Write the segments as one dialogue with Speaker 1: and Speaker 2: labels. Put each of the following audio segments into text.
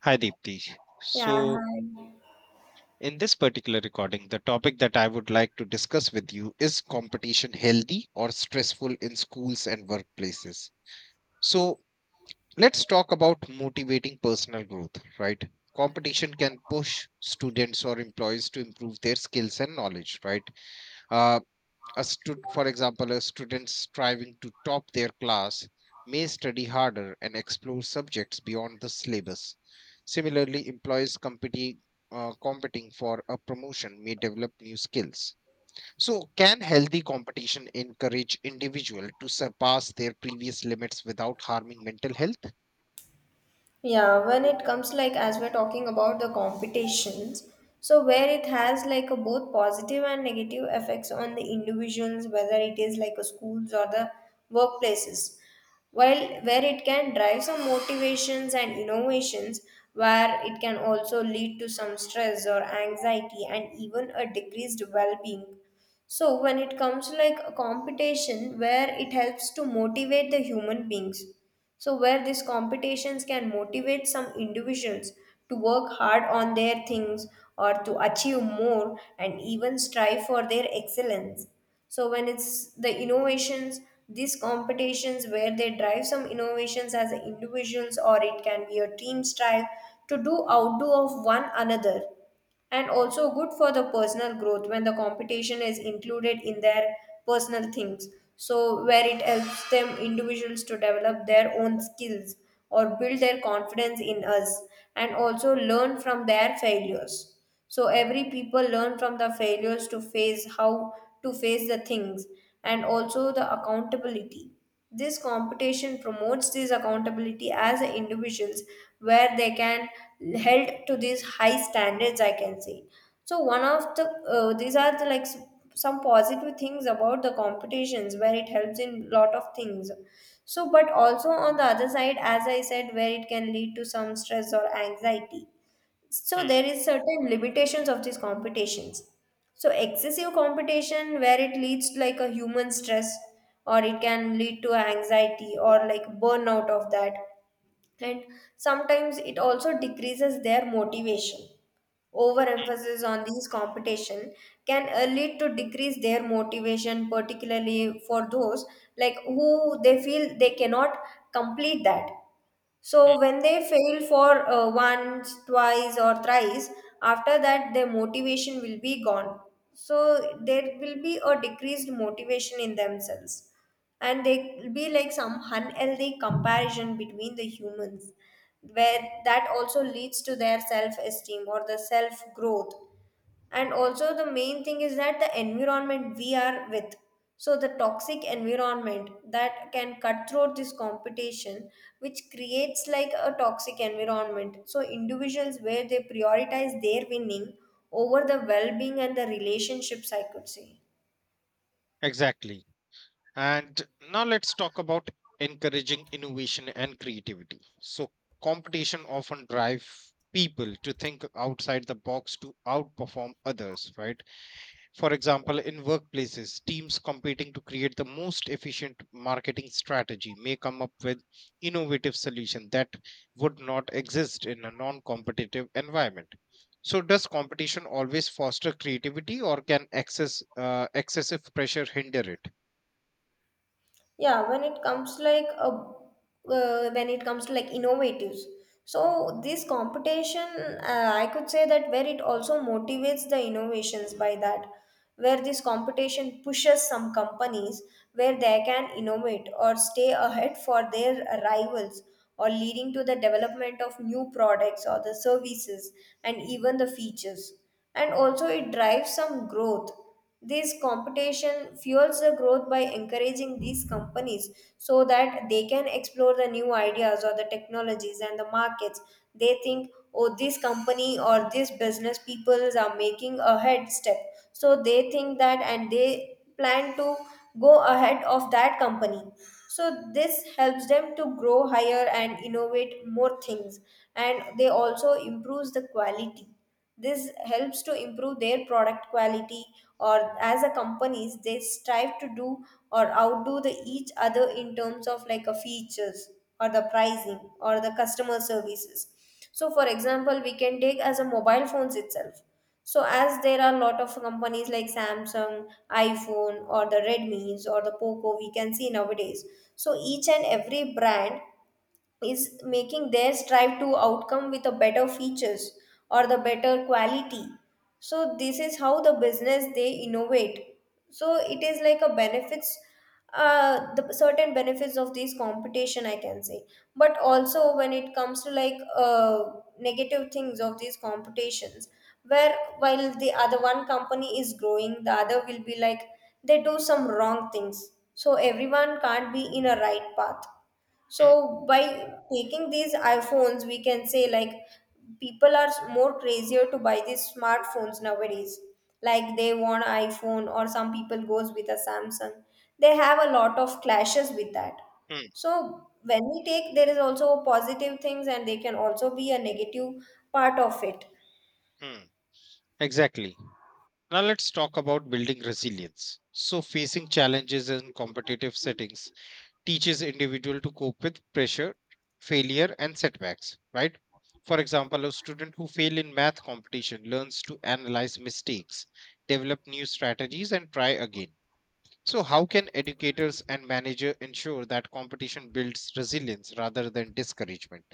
Speaker 1: Hi, Deepti.
Speaker 2: Yeah,
Speaker 1: So,
Speaker 2: hi.
Speaker 1: in this particular recording, the topic that I would like to discuss with you is competition healthy or stressful in schools and workplaces. So, let's talk about motivating personal growth, right? Competition can push students or employees to improve their skills and knowledge, right? Uh, for example, a student striving to top their class may study harder and explore subjects beyond the syllabus. Similarly, competing for a promotion may develop new skills. So, can healthy competition encourage individual to surpass their previous limits without harming mental health?
Speaker 2: Yeah, when it comes like as we're talking about the competitions, so where it has like a both positive and negative effects on the individuals, whether it is like a schools or the workplaces. While where it can drive some motivations and innovations, where it can also lead to some stress or anxiety and even a decreased well-being. So when it comes to like a competition where it helps to motivate the human beings. So, where these competitions can motivate some individuals to work hard on their things or to achieve more and even strive for their excellence. So, when it's the innovations, these competitions where they drive some innovations as individuals or it can be a team strive to do outdo of one another, and also good for the personal growth when the competition is included in their personal things, so where it helps them individuals to develop their own skills or build their confidence in us and also learn from their failures. So every people learn from the failures to face how to face the things, and also the accountability. This competition promotes this accountability as individuals where they can held to these high standards, I can say. So one of the these are the like some positive things about the competitions where it helps in lot of things. So, but also on the other side, as I said, where it can lead to some stress or anxiety, so
Speaker 1: Hmm,
Speaker 2: there is certain limitations of these competitions. So excessive competition where it leads to like a human stress or it can lead to anxiety or like burnout of that. And sometimes it also decreases their motivation.
Speaker 1: hmm,
Speaker 2: Overemphasis on these competition can lead to decrease their motivation, particularly for those like who they feel they cannot complete that.
Speaker 1: hmm.
Speaker 2: So when they fail for once, twice, or thrice, after that their motivation will be gone. So there will be a decreased motivation in themselves, and there will be like some unhealthy comparison between the humans, where that also leads to their self-esteem or the self-growth. And also the main thing is that the environment we are with, so the toxic environment that can cut through this competition, which creates like a toxic environment, so individuals where they prioritize their winning over the well-being and the relationships, I could say.
Speaker 1: Exactly. And now let's talk about encouraging innovation and creativity. So, competition often drives people to think outside the box to outperform others, right? For example, in workplaces, teams competing to create the most efficient marketing strategy may come up with innovative solution that would not exist in a non-competitive environment. So, does competition always foster creativity, or can excessive pressure hinder it?
Speaker 2: Yeah, when it comes like a when it comes to like innovatives, so this competition, I could say that where it also motivates the innovations by that, where this competition pushes some companies where they can innovate or stay ahead for their rivals, or leading to the development of new products or the services and even the features. And also it drives some growth. This competition fuels the growth by encouraging these companies so that they can explore the new ideas or the technologies and the markets. They think, oh, this company or this business people are making a head step. So they think that and they plan to go ahead of that company. So this helps them to grow higher and innovate more things, and they also improves the quality. This helps to improve their product quality, or as a companies they strive to do or outdo the each other in terms of like a features or the pricing or the customer services. So for example we can take as a mobile phones itself. So as there are a lot of companies like Samsung, iPhone, or the Redmi's or the Poco we can see nowadays. So each and every brand is making their strive to outcome with a better features or the better quality. So this is how the business they innovate. So it is like a benefits, the certain benefits of this competition I can say. But also when it comes to like negative things of these competitions, where while the other one company is growing the other will be like they do some wrong things, so everyone can't be in a right path.
Speaker 1: Hmm,
Speaker 2: So by taking these iPhones, we can say like people are more crazier to buy these smartphones nowadays. Like they want iPhone or some people goes with a Samsung. They have a lot of clashes with that.
Speaker 1: hmm.
Speaker 2: So when we take, there is also positive things and they can also be a negative part of it.
Speaker 1: Hmm, exactly. Now let's talk about building resilience. So, facing challenges in competitive settings teaches individual to cope with pressure, failure, and setbacks, right? For example, a student who fail in math competition learns to analyze mistakes, develop new strategies, and try again. So, how can educators and manager ensure that competition builds resilience rather than discouragement?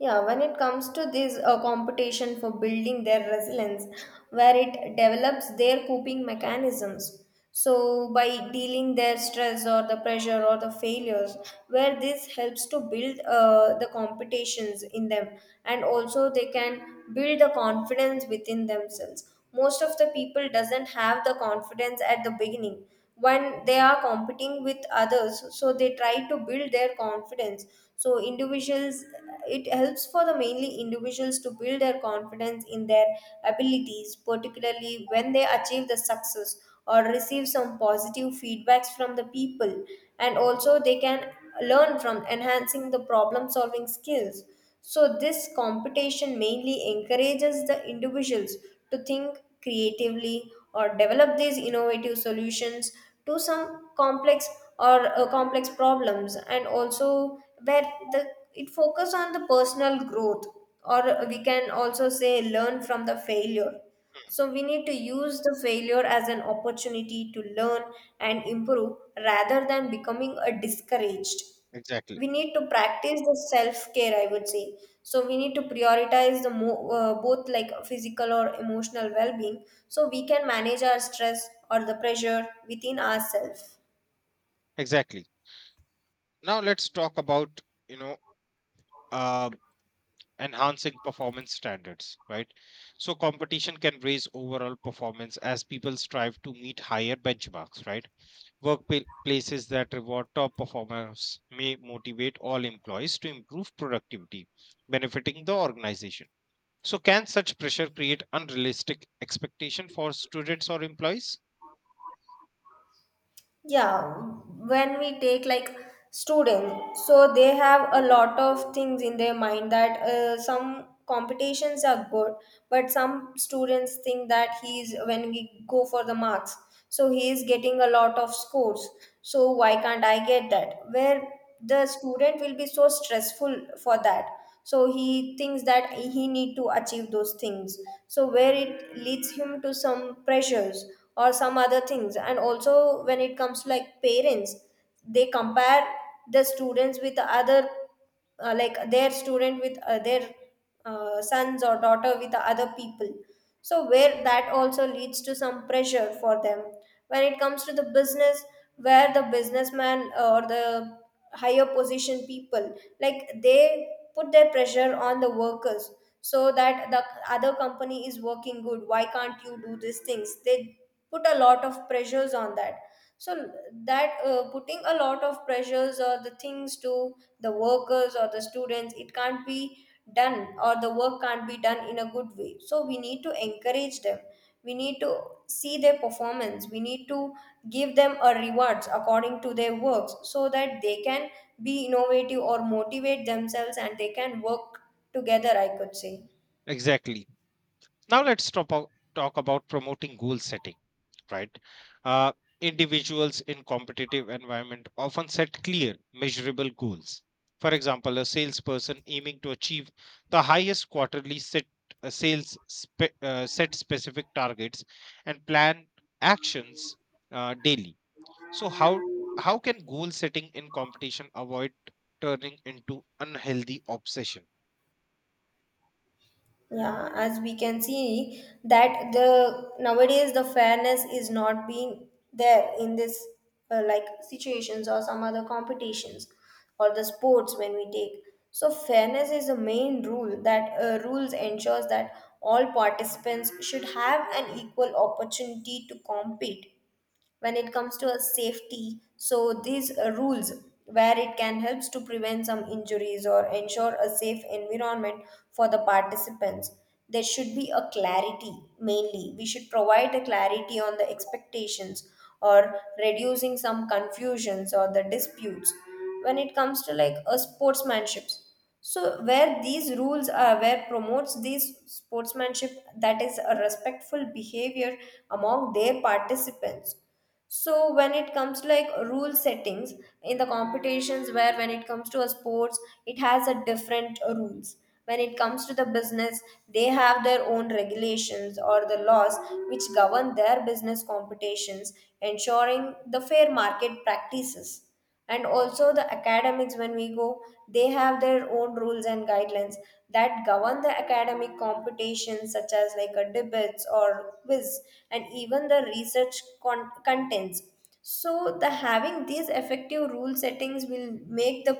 Speaker 2: Yeah, when it comes to this competition for building their resilience, where it develops their coping mechanisms. So, by dealing their stress or the pressure or the failures, where this helps to build the competitions in them, and also they can build the confidence within themselves. Most of the people doesn't have the confidence at the beginning, when they are competing with others, so they try to build their confidence. So individuals, it helps for the mainly individuals to build their confidence in their abilities, particularly when they achieve the success or receive some positive feedbacks from the people. And also they can learn from enhancing the problem solving skills. So this competition mainly encourages the individuals to think creatively or develop these innovative solutions to some complex or complex problems. And also where the it focus on the personal growth, or we can also say learn from the failure. So we need to use the failure as an opportunity to learn and improve rather than becoming a discouraged.
Speaker 1: Exactly.
Speaker 2: We need to practice the self care, I would say. So we need to prioritize the both like physical or emotional well being, so we can manage our stress or the pressure within ourselves.
Speaker 1: Exactly. Now let's talk about you know uh, enhancing performance standards, right? So competition can raise overall performance as people strive to meet higher benchmarks, right? Workplaces that reward top performers may motivate all employees to improve productivity, benefiting the organization. So can such pressure create unrealistic expectation for students or employees?
Speaker 2: Yeah, when we take like students, so they have a lot of things in their mind that some competitions are good, but some students think that he's when we go for the marks, so he is getting a lot of scores. So why can't I get
Speaker 1: Hmm,
Speaker 2: that? Where the student will be so stressful for that, so he thinks that he need to achieve those things. So where it leads him to some pressures or some other things. And also when it comes to like parents, they compare the students with other, like their student with their sons or daughter with the other people, so where that also leads to some pressure for them. When it comes to the business, where the businessman or the higher position people, like they put their pressure on the workers, so that the other company is working good, why can't you do these things? They put a lot of pressures on that. So that putting a lot of pressures or the things to the workers or the students, it can't be done or the work can't be done in a good way. So we need to encourage them, we need to see their performance, we need to give them a rewards according to their works, so that they can be innovative or motivate themselves and they can work together, I could say.
Speaker 1: Exactly. Now let's talk about promoting goal setting, right? Uh, Individuals in competitive environment often set clear, measurable goals. For example, a salesperson aiming to achieve the highest quarterly set sales spe- set specific targets and plan actions daily. So how can goal setting in competition avoid turning into unhealthy obsession?
Speaker 2: Yeah, as we can see that the nowadays the fairness is not being there in this like situations or some other competitions or the sports when we take. So fairness is the main rule, that rules ensures that all participants should have an equal opportunity to compete. When it comes to a safety, so these rules where it can helps to prevent some injuries or ensure a safe environment for the participants. There should be a clarity, mainly we should provide a clarity on the expectations or reducing some confusions or the disputes. When it comes to like a sportsmanship, so where these rules are where promotes these sportsmanship, that is a respectful behavior among their participants. So when it comes to like rule settings in the competitions, where when it comes to a sports, it has a different rules. When it comes to the business, they have their own regulations or the laws which govern their business competitions, ensuring the fair market practices. And also the academics when we go, they have their own rules and guidelines that govern the academic competitions, such as like a debates or quiz and even the research contents. So the having these effective rule settings will make the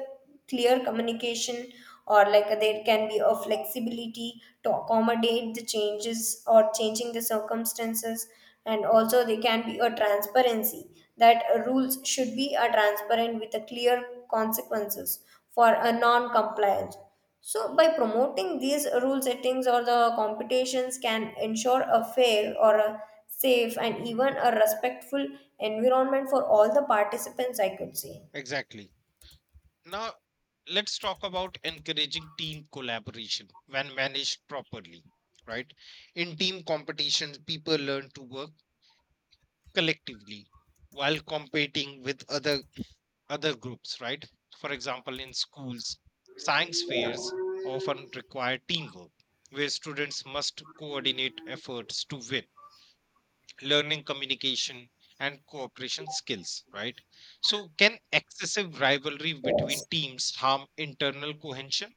Speaker 2: clear communication, or like there can be a flexibility to accommodate the changes or changing the circumstances. And also there can be a transparency, that rules should be a transparent with a clear consequences for a non compliance. So by promoting these rule settings or the competitions, can ensure a fair or a safe and even a respectful environment for all the participants, I could say.
Speaker 1: Exactly. Now, let's talk about encouraging team collaboration when managed properly, right? In team competitions, people learn to work collectively while competing with other groups, right? For example, in schools, science
Speaker 2: Yeah.
Speaker 1: fairs often require teamwork, where students must coordinate efforts to win, learning communication and cooperation skills, right? So, can excessive rivalry
Speaker 2: Yes.
Speaker 1: between teams harm internal cohesion?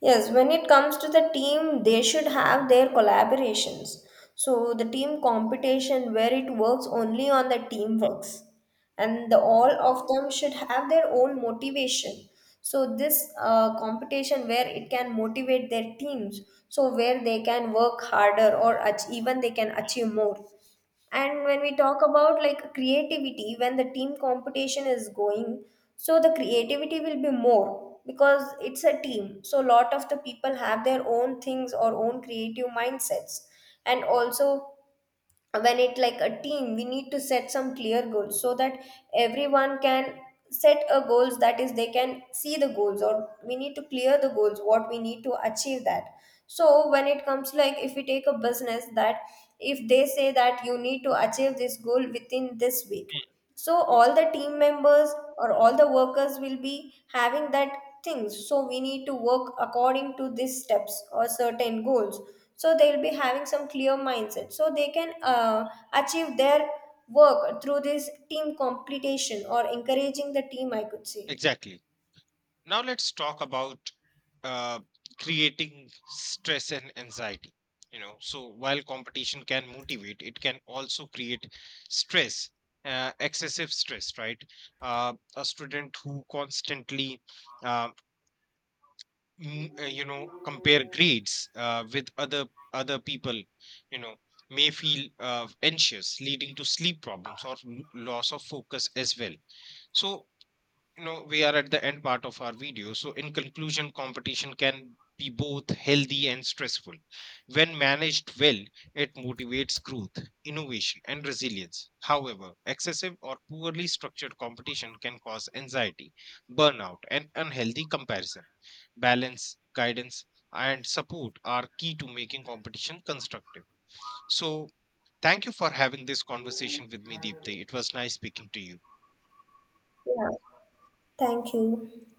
Speaker 2: Yes, when it comes to the team, they should have their collaborations. So the team competition where it works only on the teamworks, and the, all of them should have their own motivation. So this competition where it can motivate their teams, so where they can work harder or even they can achieve more. And when we talk about like creativity, when the team competition is going, so the creativity will be more because it's a team, so a lot of the people have their own things or own creative mindsets. And also when it like a team, we need to set some clear goals, so that everyone can set a goals, that is they can see the goals, or we need to clear the goals what we need to achieve that. So when it comes like if we take a business that, if they say that you need to achieve this goal within this week,
Speaker 1: Mm,
Speaker 2: so all the team members or all the workers will be having that things, so we need to work according to these steps or certain goals. So they'll be having some clear mindset, so they can achieve their work through this team completion or encouraging the team, I could say.
Speaker 1: Exactly. Now let's talk about uh, creating stress and anxiety. You know, so while competition can motivate, it can also create stress, excessive stress, right? A student who constantly, uh, you know, compare grades with other people, you know, may feel anxious, leading to sleep problems or loss of focus as well. So, you know, we are at the end part of our video. So in conclusion, competition can be both healthy and stressful. When managed well, it motivates growth, innovation, and resilience. However, excessive or poorly structured competition can cause anxiety, burnout, and unhealthy comparison. Balance, guidance, and support are key to making competition constructive. So thank you for having this conversation with me, Deepthi. It was nice speaking to you.
Speaker 2: Yeah, thank you.